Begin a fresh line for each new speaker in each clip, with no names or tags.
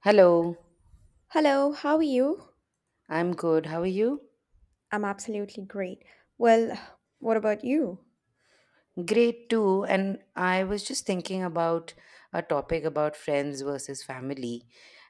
Hello,
Hello, how are you?
I'm good. How are you?
I'm absolutely great. Well, what about you?
Great too. And I was just thinking about a topic about friends versus family.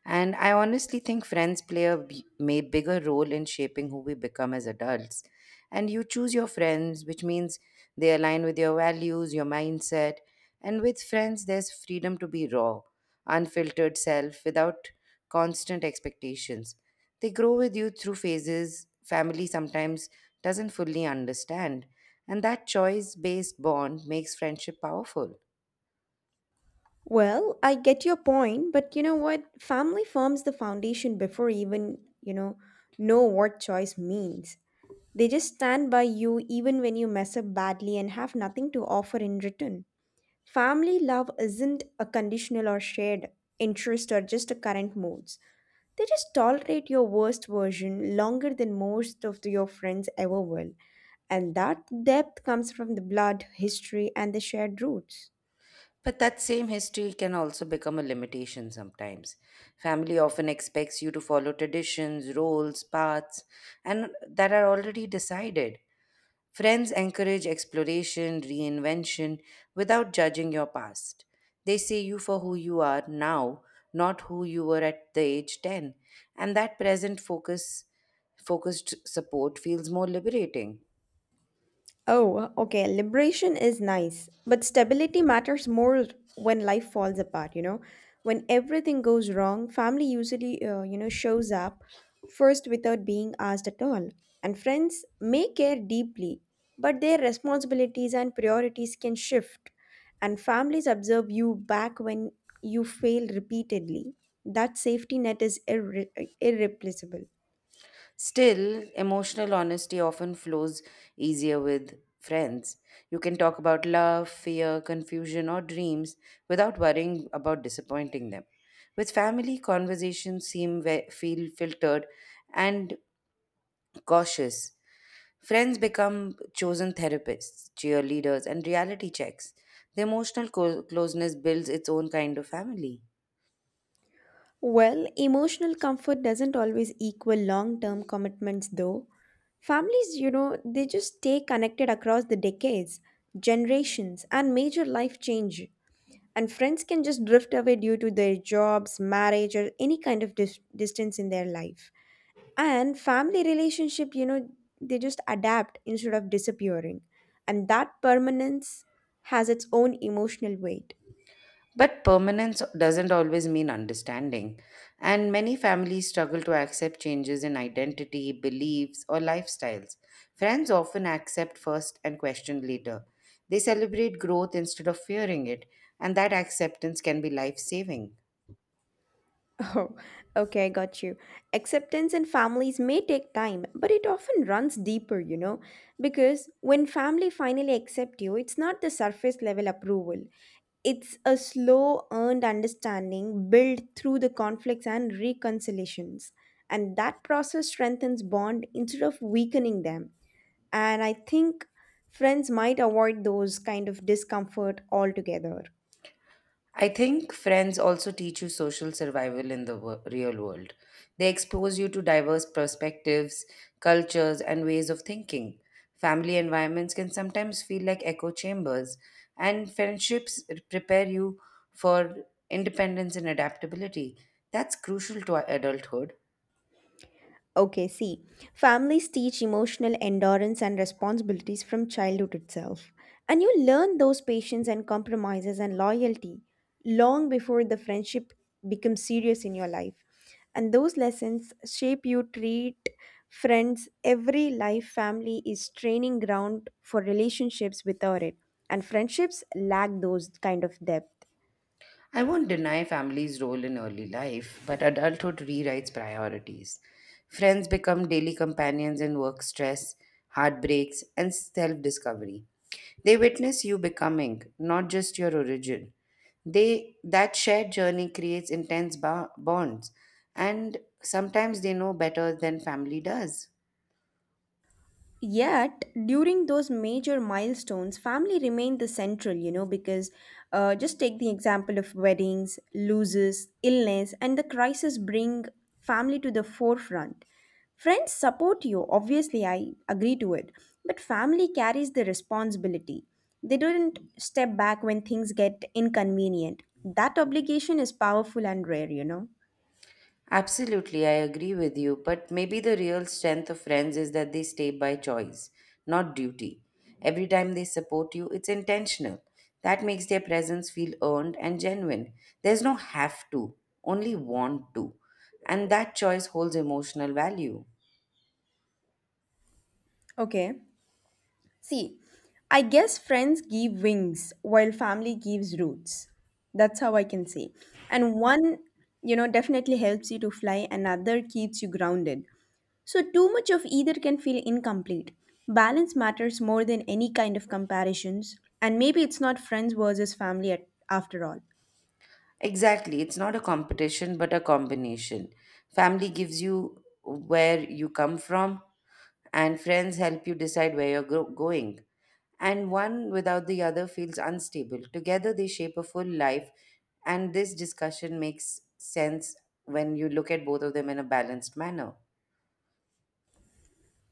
And I honestly think friends play a b- may bigger role in shaping who we become as adults. And you choose your friends, which means they align with your values, your mindset. And with friends, there's freedom to be raw, unfiltered self without constant expectations. They grow with you through phases family sometimes doesn't fully understand, and that choice based bond makes friendship powerful.
Well, I get your point, but you know what? Family forms the foundation before even, know what choice means. They just stand by you even when you mess up badly and have nothing to offer in return. Family love isn't a conditional or shared interest or just a current moods. They just tolerate your worst version longer than most of your friends ever will. And that depth comes from the blood, history, and the shared roots.
But that same history can also become a limitation sometimes. Family often expects you to follow traditions, roles, paths, and that are already decided. Friends encourage exploration, reinvention without judging your past. They see you for who you are now, not who you were at the age 10, and that present focus focused support feels more liberating.
Oh, okay. Liberation is nice, but stability matters more when life falls apart, you know. When everything goes wrong, family usually, shows up first without being asked at all. And friends may care deeply, but their responsibilities and priorities can shift. And families observe you back when you fail repeatedly. That safety net is irreplaceable.
Still, emotional honesty often flows easier with friends. You can talk about love, fear, confusion, or dreams without worrying about disappointing them. With family, conversations feel filtered and cautious. Friends become chosen therapists, cheerleaders, and reality checks. The emotional closeness builds its own kind of family.
Well, emotional comfort doesn't always equal long term commitments, though. Families, you know, they just stay connected across the decades, generations, and major life change. And friends can just drift away due to their jobs, marriage, or any kind of distance in their life. And family relationship, you know, they just adapt instead of disappearing. And that permanence has its own emotional weight.
But permanence doesn't always mean understanding, and many families struggle to accept changes in identity, beliefs, or lifestyles. Friends often accept first and question later. They celebrate growth instead of fearing it, and that acceptance can be life saving.
Oh, okay, I got you. Acceptance in families may take time, but it often runs deeper, you know, because when family finally accept you, it's not the surface level approval. It's a slow earned understanding built through the conflicts and reconciliations. And that process strengthens bond instead of weakening them. And I think friends might avoid those kind of discomfort altogether.
I think friends also teach you social survival in the real world. They expose you to diverse perspectives, cultures, and ways of thinking. Family environments can sometimes feel like echo chambers, and friendships prepare you for independence and adaptability. That's crucial to adulthood.
Okay, see, families teach emotional endurance and responsibilities from childhood itself. And you learn those patience and compromises and loyalty long before the friendship becomes serious in your life. And those lessons shape you treat friends. Every life family is training ground for relationships without it. And friendships lack those kind of depth.
I won't deny family's role in early life, but adulthood rewrites priorities. Friends become daily companions in work stress, heartbreaks, and self discovery. They witness you becoming, not just your origin. They that shared journey creates intense bonds, and sometimes they know better than family does.
Yet, during those major milestones, family remained the central, you know, because just take the example of weddings, losses, illness, and the crisis bring family to the forefront. Friends support you, obviously, I agree to it, but family carries the responsibility. They don't step back when things get inconvenient. That obligation is powerful and rare, you know.
Absolutely, I agree with you. But maybe the real strength of friends is that they stay by choice, not duty. Every time they support you, it's intentional. That makes their presence feel earned and genuine. There's no have to, only want to. And that choice holds emotional value.
Okay. See, I guess friends give wings while family gives roots. That's how I can say. And one, you know, definitely helps you to fly, another keeps you grounded. So, too much of either can feel incomplete. Balance matters more than any kind of comparisons, and maybe it's not friends versus family at, after all.
Exactly. It's not a competition, but a combination. Family gives you where you come from, and friends help you decide where you're going. And one without the other feels unstable. Together, they shape a full life, and this discussion makes sense when you look at both of them in a balanced manner.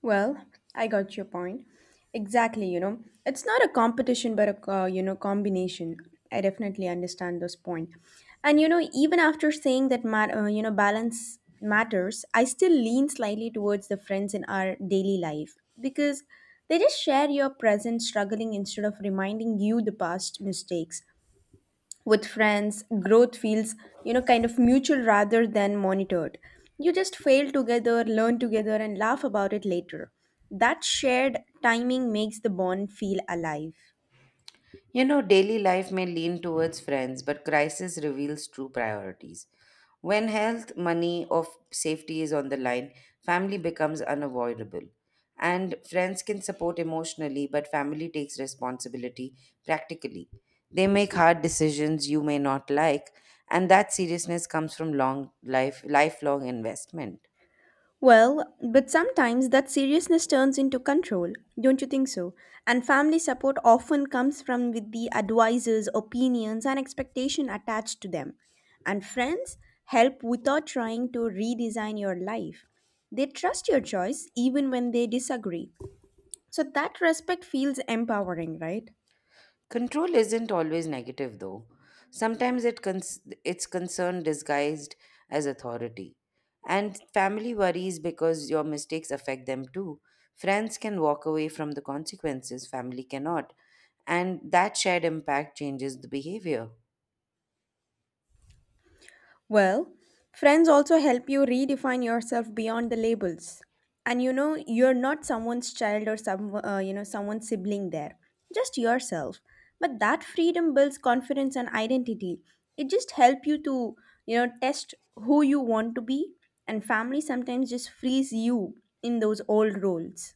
Well, I got your point. Exactly, you know, it's not a competition but a combination. I definitely understand this point. And you know, even after saying that balance matters, I still lean slightly towards the friends in our daily life because they just share your present struggling instead of reminding you the past mistakes with friends growth feels, you know, kind of mutual rather than monitored. You just fail together, learn together, and laugh about it later. That shared timing makes the bond feel alive.
You know, daily life may lean towards friends, but crisis reveals true priorities. When health, money, or safety is on the line, family becomes unavoidable. And friends can support emotionally, but family takes responsibility practically. They make hard decisions you may not like, and that seriousness comes from long life lifelong investment.
Well, but sometimes that seriousness turns into control, don't you think so? And family support often comes from with the advices, opinions, and expectation attached to them. And friends help without trying to redesign your life. They trust your choice even when they disagree. So that respect feels empowering, right?
Control isn't always negative, though. Sometimes it's concern disguised as authority. And family worries because your mistakes affect them too. Friends can walk away from the consequences, family cannot. And that shared impact changes the behavior.
Well, friends also help you redefine yourself beyond the labels. And you know, you're not someone's child or someone's sibling there. Just yourself. But that freedom builds confidence and identity. It just helps you to, you know, test who you want to be and family sometimes just frees you in those old roles.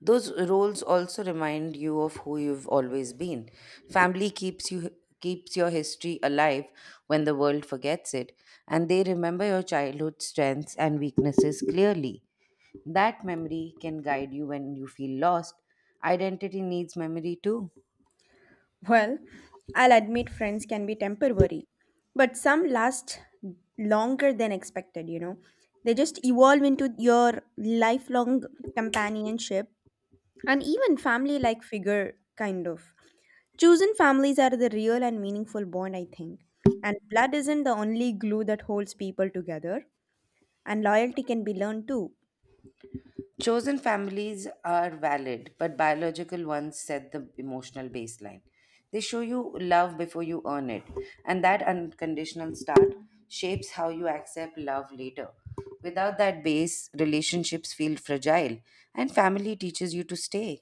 Those roles also remind you of who you've always been. Family keeps your history alive when the world forgets it, and they remember your childhood strengths and weaknesses clearly. That memory can guide you when you feel lost. Identity needs memory too.
Well, I'll admit friends can be temporary, but some last longer than expected, you know. They just evolve into your lifelong companionship and even family like figure, kind of. Chosen families are the real and meaningful bond, I think. And blood isn't the only glue that holds people together, and loyalty can be learned too.
Chosen families are valid, but biological ones set the emotional baseline. They show you love before you earn it, and that unconditional start shapes how you accept love later. Without that base, relationships feel fragile, and family teaches you to stay.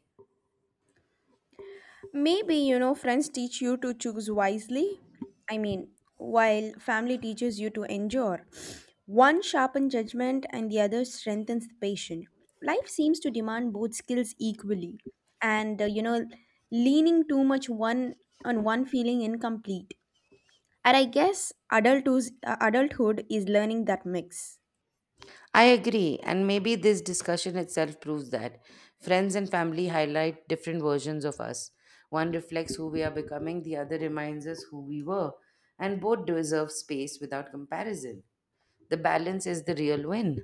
Maybe, you know, friends teach you to choose wisely. I mean, while family teaches you to endure. One sharpens judgment and the other strengthens the patient. Life seems to demand both skills equally. And, you know, leaning too much one on one feeling incomplete. And I guess adulthood is learning that mix.
I agree, and maybe this discussion itself proves that. Friends and family highlight different versions of us. One reflects who we are becoming, the other reminds us who we were, and both deserve space without comparison. The balance is the real win.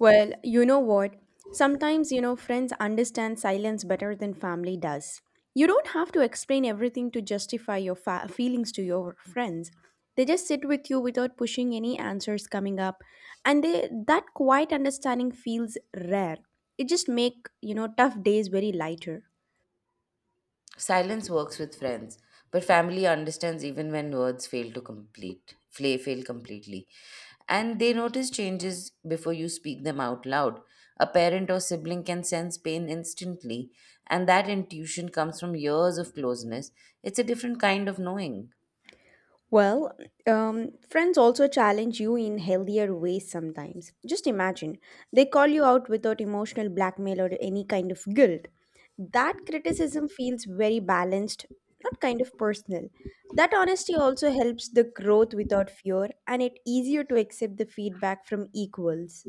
Well, you know what? Sometimes, you know, friends understand silence better than family does. You don't have to explain everything to justify your feelings to your friends. They just sit with you without pushing any answers coming up, and that quiet understanding feels rare. It just make, you know, tough days very lighter.
Silence works with friends, but family understands even when words fail completely. And they notice changes before you speak them out loud. A parent or sibling can sense pain instantly, and that intuition comes from years of closeness. It's a different kind of knowing.
Well, friends also challenge you in healthier ways sometimes. Just imagine, they call you out without emotional blackmail or any kind of guilt. That criticism feels very balanced, not kind of personal. That honesty also helps the growth without fear, and it easier to accept the feedback from equals.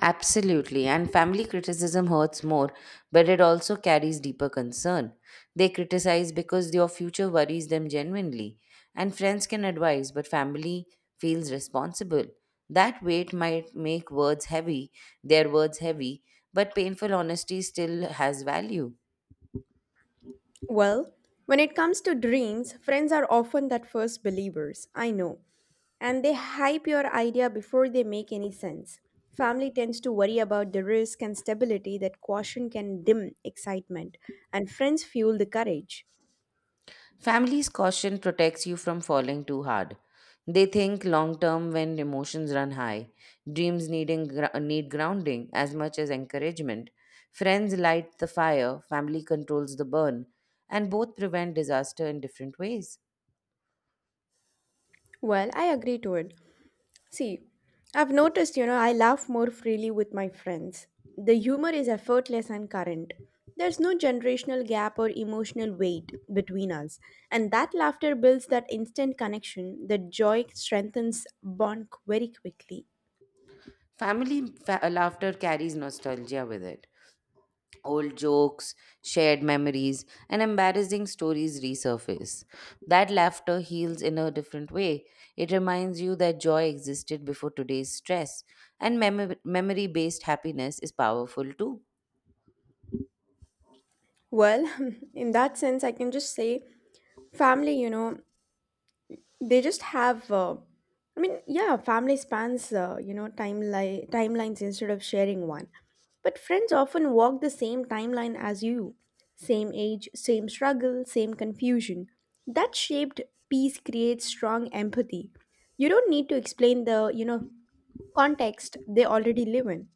Absolutely, and family criticism hurts more, but it also carries deeper concern. They criticize because your future worries them genuinely, and friends can advise, but family feels responsible. That weight might make words heavy, their words heavy, but painful honesty still has value.
Well, when it comes to dreams, friends are often that first believers. I know. And they hype your idea before they make any sense. Family tends to worry about the risk and stability that caution can dim excitement, and friends fuel the courage.
Family's caution protects you from falling too hard. They think long term when emotions run high. Dreams need grounding as much as encouragement. Friends light the fire, family controls the burn, and both prevent disaster in different ways.
Well, I agree to it. See, I've noticed, you know, I laugh more freely with my friends. The humor is effortless and current. There's no generational gap or emotional weight between us, and that laughter builds that instant connection that joy strengthens bond very quickly.
Family laughter carries nostalgia with it. Old jokes, shared memories, and embarrassing stories resurface. That laughter heals in a different way. It reminds you that joy existed before today's stress, and memory based happiness is powerful too.
Well, in that sense, I can just say family, you know, they just yeah, family spans, you know, timelines instead of sharing one. But friends often walk the same timeline as you same age, same struggle, same confusion. That shaped peace creates strong empathy. You don't need to explain the, you know, context they already live in.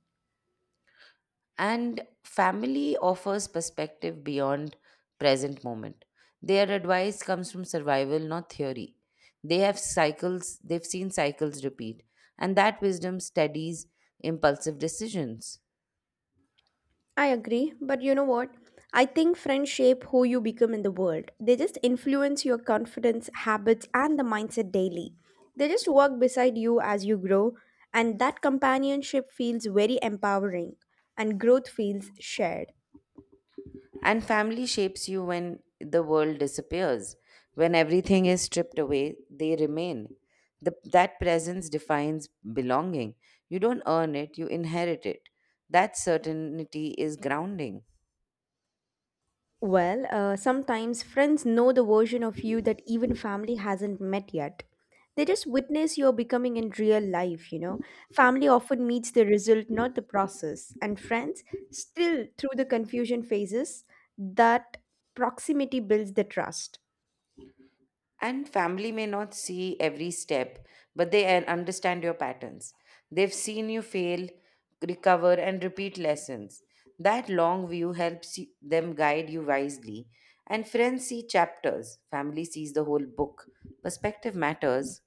And family offers perspective beyond present moment. Their advice comes from survival, not theory. They've seen cycles repeat, and that wisdom steadies impulsive decisions.
I agree, but you know what? I think friends shape who you become in the world. They just influence your confidence, habits, and the mindset daily. They just walk beside you as you grow, and that companionship feels very empowering, and growth feels shared.
And family shapes you when the world disappears. When everything is stripped away, they remain. That presence defines belonging. You don't earn it, you inherit it. That certainty is grounding.
Well, sometimes friends know the version of you that even family hasn't met yet. They just witness your becoming in real life, you know. Family often meets the result, not the process. And friends, still through the confusion phases, that proximity builds the trust.
And family may not see every step, but they understand your patterns. They've seen you fail, recover, and repeat lessons. That long view helps them guide you wisely. And friends see chapters, family sees the whole book. Perspective matters.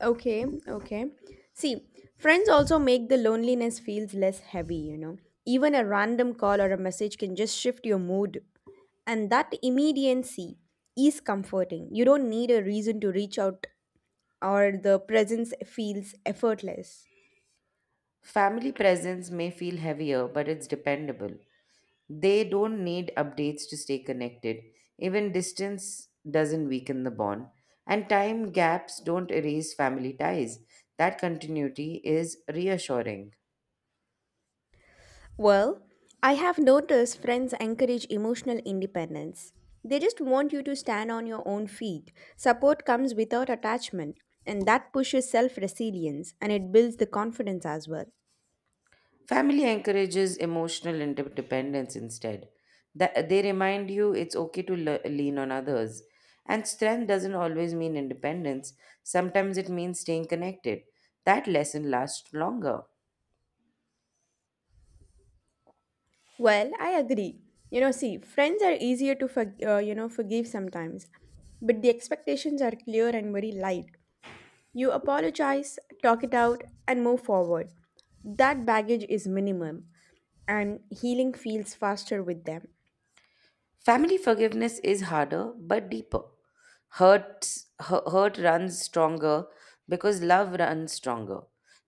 Okay, okay. See, friends also make the loneliness feels less heavy, you know. Even a random call or a message can just shift your mood, and that immediacy is comforting. You don't need a reason to reach out or the presence feels effortless.
Family presence may feel heavier, but it's dependable. They don't need updates to stay connected. Even distance doesn't weaken the bond. And time gaps don't erase family ties. That continuity is reassuring.
Well, I have noticed friends encourage emotional independence. They just want you to stand on your own feet. Support comes without attachment, and that pushes self resilience and it builds the confidence as well.
Family encourages emotional interdependence instead. That they remind you it's okay to lean on others. And strength doesn't always mean independence. Sometimes it means staying connected. That lesson lasts longer.
Well, I agree. You know, see, friends are easier to forgive sometimes, but the expectations are clear and very light. You apologize, talk it out, and move forward. That baggage is minimum, and healing feels faster with them.
Family forgiveness is harder but deeper. Hurt runs stronger because love runs stronger.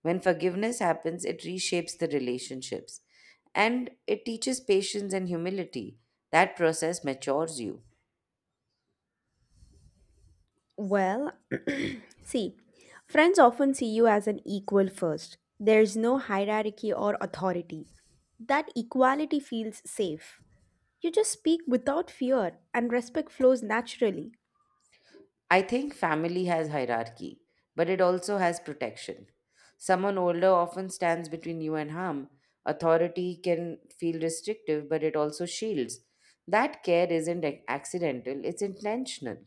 When forgiveness happens, it reshapes the relationships and it teaches patience and humility. That process matures you.
Well, see, friends often see you as an equal first. There's no hierarchy or authority. That equality feels safe. You just speak without fear, and respect flows naturally.
I think family has hierarchy, but it also has protection. Someone older often stands between you and harm. Authority can feel restrictive, but it also shields. That care isn't accidental, it's intentional.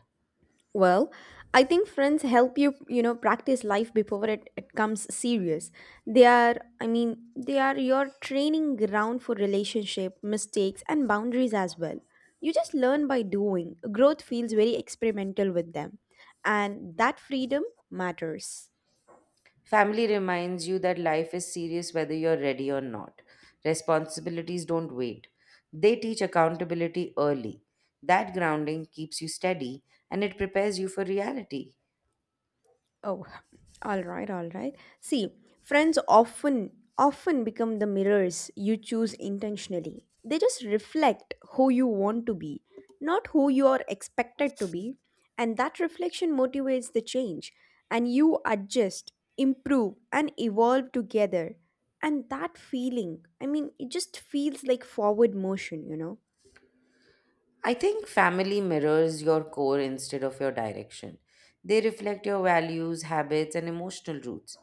Well, I think friends help you, you know, practice life before it comes serious. They are your training ground for relationship, mistakes, and boundaries as well. You just learn by doing. Growth feels very experimental with them. And that freedom matters.
Family reminds you that life is serious whether you're ready or not. Responsibilities don't wait, they teach accountability early. That grounding keeps you steady and it prepares you for reality.
Oh, all right, all right. See, friends often often become the mirrors you choose intentionally. They just reflect who you want to be, not who you are expected to be, and that reflection motivates the change and you adjust, improve and evolve together. And that feeling, I mean, it just feels like forward motion, you know.
I think family mirrors your core instead of your direction. They reflect your values, habits, and emotional roots.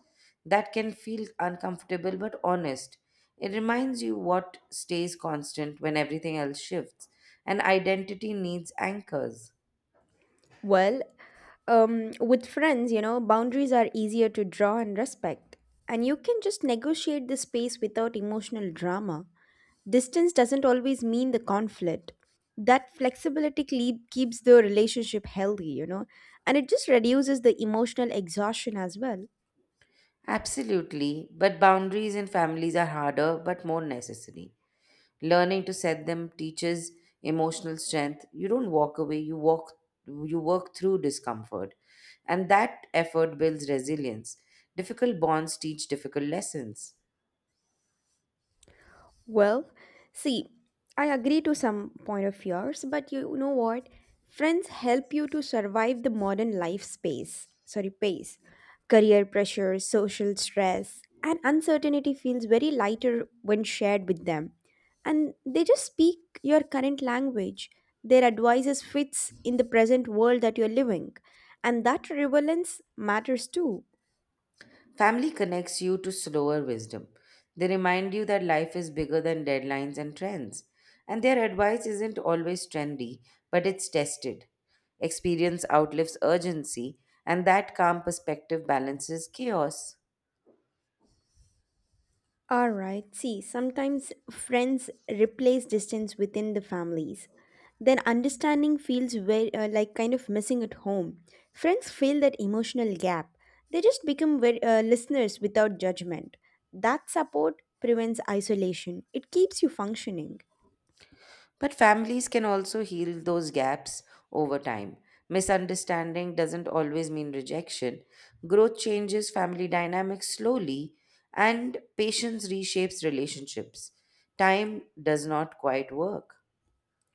That can feel uncomfortable but honest. It reminds you what stays constant when everything else shifts, and identity needs anchors.
Well, with friends, you know, boundaries are easier to draw and respect. And you can just negotiate the space without emotional drama. Distance doesn't always mean the conflict. That keeps the relationship healthy, you know, and it just reduces the emotional exhaustion as well.
Absolutely, but boundaries in families are harder but more necessary. Learning to set them teaches emotional strength. You don't walk away, you work through discomfort. And that effort builds resilience. Difficult bonds teach difficult lessons.
Well, see, I agree to some point of yours, but you know what? Friends help you to survive the modern life space, sorry, pace. Career pressure, social stress, and uncertainty feels very lighter when shared with them. And they just speak your current language. Their advices fits in the present world that you're living. And that relevance matters too.
Family connects you to slower wisdom. They remind you that life is bigger than deadlines and trends. And their advice isn't always trendy, but it's tested. Experience outlives urgency, and that calm perspective balances chaos.
All right. See, sometimes friends replace distance within the families. Then understanding feels very like kind of missing at home. Friends fill that emotional gap. They just become very, listeners without judgment. That support prevents isolation. It keeps you functioning.
But families can also heal those gaps over time. Misunderstanding doesn't always mean rejection. Growth changes family dynamics slowly, and patience reshapes relationships. Time does not quite work.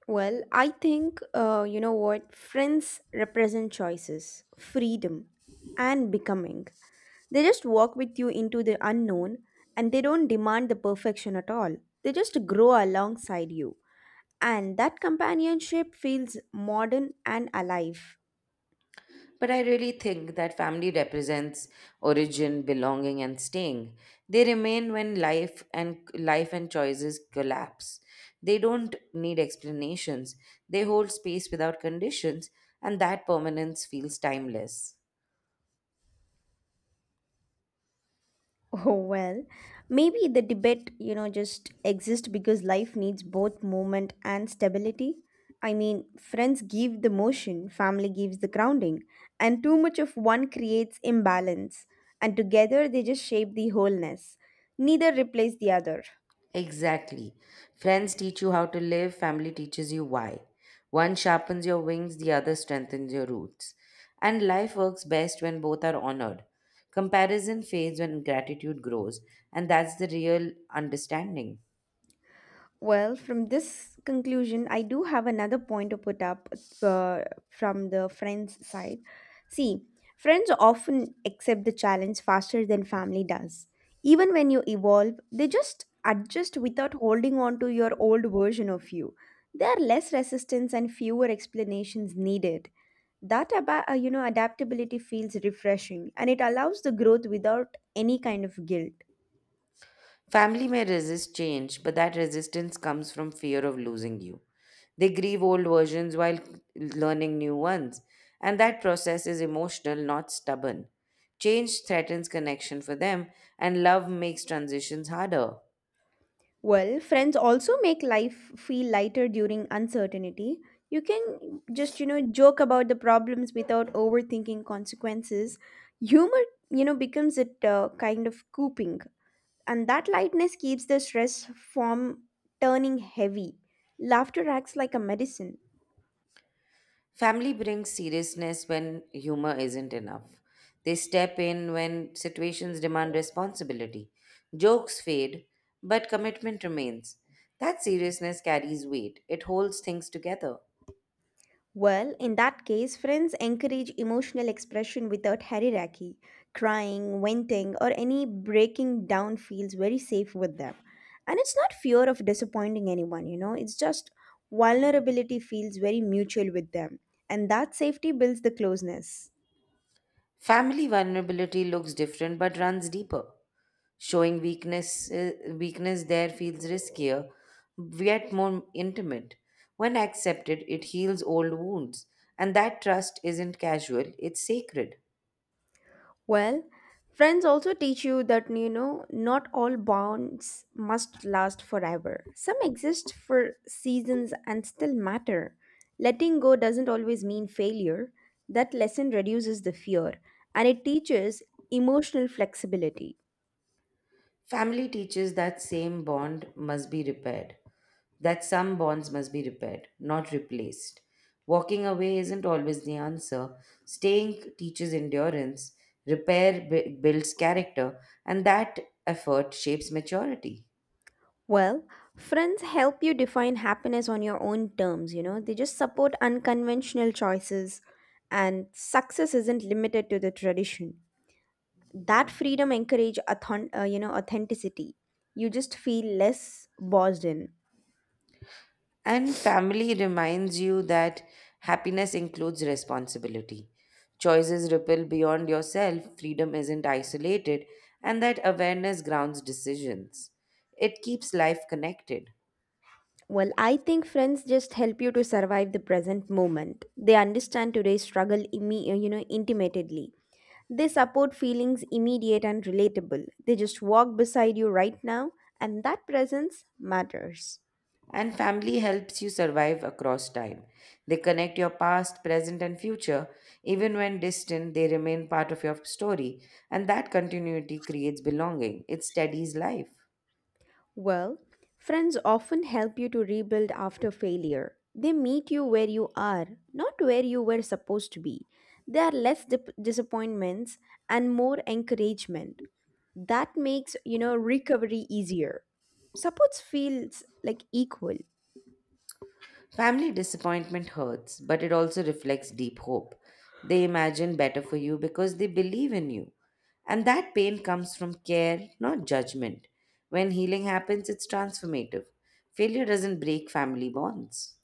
Well, I think you know what, friends represent choices, freedom, and becoming. They just walk with you into the unknown, and they don't demand the perfection at all. They just grow alongside you. And that companionship feels modern and alive.
But I really think that family represents origin, belonging, and staying. They remain when life and choices collapse. They don't need explanations. They hold space without conditions, and that permanence feels timeless.
Oh well, maybe the debate, just exists because life needs both movement and stability. I mean, friends give the motion, family gives the grounding, and too much of one creates imbalance, and together they just shape the wholeness. Neither replace the other.
Exactly. Friends teach you how to live, family teaches you why. One sharpens your wings, the other strengthens your roots. And life works best when both are honored. Comparison fades when gratitude grows, and that's the real understanding.
Well, from this conclusion, I do have another point to put up uh, from the friends' side. See, friends often accept the challenge faster than family does. Even when you evolve, they just adjust without holding on to your old version of you. There are less resistance and fewer explanations needed. That adaptability feels refreshing, and it allows the growth without any kind of guilt.
Family may resist change, but that resistance comes from fear of losing you. They grieve old versions while learning new ones, and that process is emotional, not stubborn. Change threatens connection for them, and love makes transitions harder.
Well, friends also make life feel lighter during uncertainty. You can just, joke about the problems without overthinking consequences. Humor, becomes a kind of coping, and that lightness keeps the stress from turning heavy. Laughter acts like a medicine.
Family brings seriousness when humor isn't enough. They step in when situations demand responsibility. Jokes fade, but commitment remains. That seriousness carries weight, it holds things together.
Well, in that case, friends encourage emotional expression without hierarchy. Crying, venting, or any breaking down feels very safe with them. And it's not fear of disappointing anyone, it's just vulnerability feels very mutual with them. And that safety builds the closeness.
Family vulnerability looks different but runs deeper. Showing weakness there feels riskier, yet more intimate. When accepted, it heals old wounds, and that trust isn't casual, it's sacred.
Well, friends also teach you that not all bonds must last forever. Some exist for seasons and still matter. Letting go doesn't always mean failure. That lesson reduces the fear, and it teaches emotional flexibility.
Family teaches that some bonds must be repaired, not replaced. Walking away isn't always the answer. Staying teaches endurance, repair builds character, and that effort shapes maturity.
Well, friends help you define happiness on your own terms. They just support unconventional choices, and success isn't limited to the tradition. That freedom encourage authenticity. You just feel less boxed in.
And family reminds you that happiness includes responsibility. Choices ripple beyond yourself, freedom isn't isolated, and that awareness grounds decisions. It keeps life connected.
Well, I think friends just help you to survive the present moment. They understand today's struggle intimately. They support feelings immediate and relatable. They just walk beside you right now, and that presence matters.
And family helps you survive across time. They connect your past, present, and future. Even when distant, they remain part of your story. And that continuity creates belonging, it steadies life.
Well, friends often help you to rebuild after failure. They meet you where you are, not where you were supposed to be. There are less disappointments and more encouragement. That makes, recovery easier. Supports feels like equal.
Family disappointment hurts, but it also reflects deep hope. They imagine better for you because they believe in you. And that pain comes from care, not judgment. When healing happens, it's transformative. Failure doesn't break family bonds.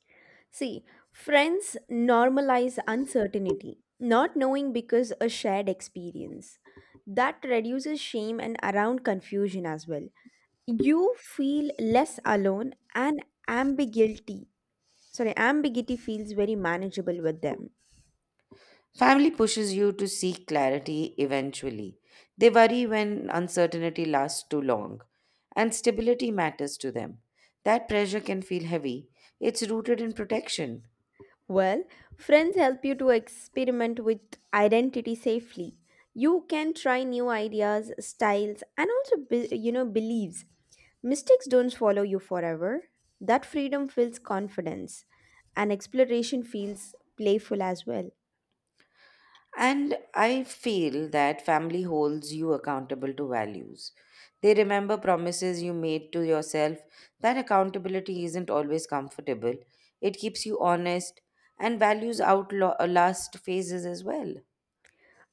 See, friends normalize uncertainty, not knowing because a shared experience. That reduces shame and around confusion as well. You feel less alone, and ambiguity, sorry, ambiguity feels very manageable with them.
Family pushes you to seek clarity eventually. They worry when uncertainty lasts too long, and stability matters to them. That pressure can feel heavy. It's rooted in protection.
Well, friends help you to experiment with identity safely. You can try new ideas, styles, and also be, beliefs. Mistakes don't follow you forever. That freedom feels confidence, and exploration feels playful as well.
And I feel that family holds you accountable to values. They remember promises you made to yourself. That accountability isn't always comfortable, it keeps you honest, and values outlast phases as well.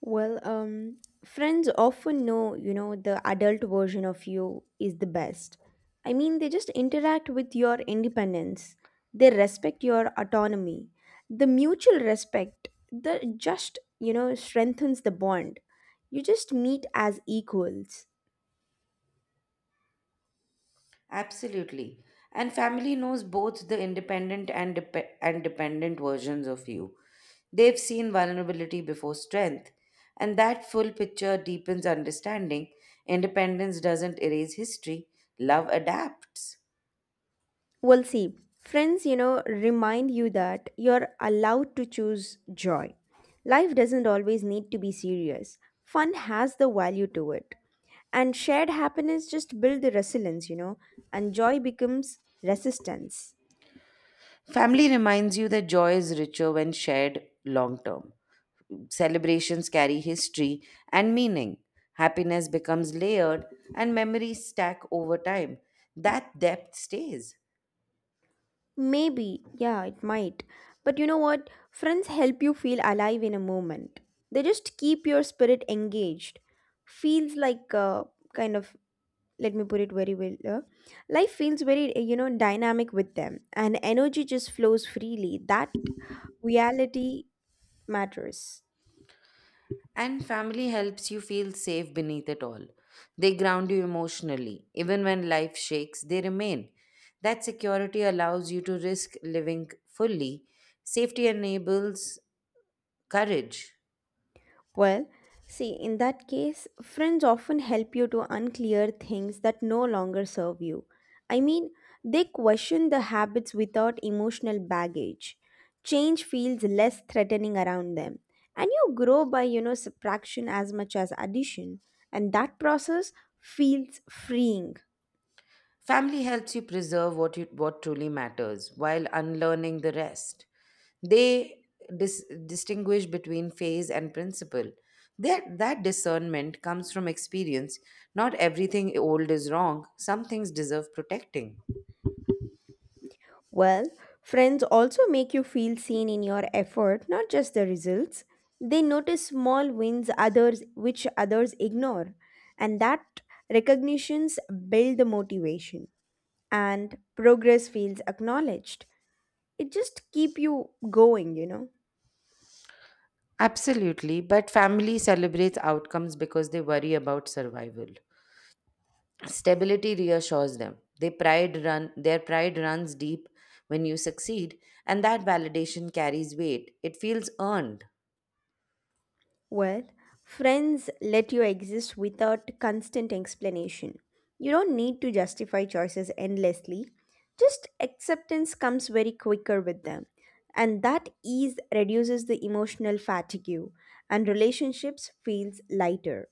Well, friends often know, the adult version of you is the best. I mean, they just interact with your independence, they respect your autonomy. The mutual respect, the just, strengthens the bond. You just meet as equals.
Absolutely. And family knows both the independent and dependent versions of you. They've seen vulnerability before strength, and that full picture deepens understanding. Independence doesn't erase history, love adapts.
Well, see, friends, remind you that you're allowed to choose joy. Life doesn't always need to be serious, fun has the value to it. And shared happiness just build the resilience, and joy becomes resistance.
Family reminds you that joy is richer when shared long term. Celebrations carry history and meaning. Happiness becomes layered, and memories stack over time. That depth stays.
Maybe, yeah, it might. But you know what? Friends help you feel alive in a moment. They just keep your spirit engaged. Feels like a kind of, let me put it very well, life feels very dynamic with them, and energy just flows freely. That reality matters.
And family helps you feel safe beneath it all. They ground you emotionally. Even when life shakes, they remain. That security allows you to risk living fully. Safety enables courage.
Well, see, in that case, friends often help you to unclear things that no longer serve you. I mean, they question the habits without emotional baggage. Change feels less threatening around them, and you grow by, subtraction as much as addition, and that process feels freeing.
Family helps you preserve what truly matters while unlearning the rest. They distinguish between phase and principle. That discernment comes from experience. Not everything old is wrong, some things deserve protecting.
Well, friends also make you feel seen in your effort, not just the results. They notice small wins others which others ignore, and that recognitions build the motivation, and progress feels acknowledged. It just keep you going.
Absolutely, but family celebrates outcomes because they worry about survival. Stability reassures them. They pride run their pride runs deep when you succeed, and that validation carries weight. It feels earned.
Well, friends let you exist without constant explanation. You don't need to justify choices endlessly. Just acceptance comes very quicker with them. And that ease reduces the emotional fatigue, and relationships feels lighter.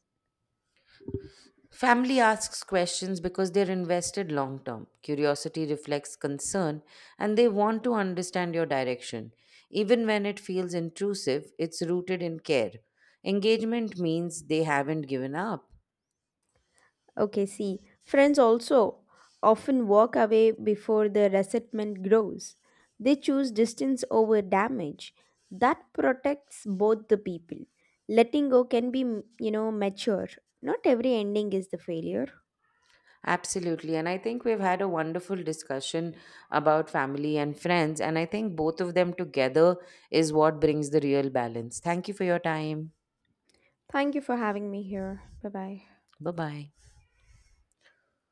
Family asks questions because they're invested long term. Curiosity reflects concern, and they want to understand your direction. Even when it feels intrusive, it's rooted in care. Engagement means they haven't given up.
Okay, see, friends also often walk away before the resentment grows. They choose distance over damage. That protects both the people. Letting go can be, mature. Not every ending is the failure.
Absolutely. And I think we've had a wonderful discussion about family and friends. And I think both of them together is what brings the real balance. Thank you for your time.
Thank you for having me here. Bye bye.
Bye bye.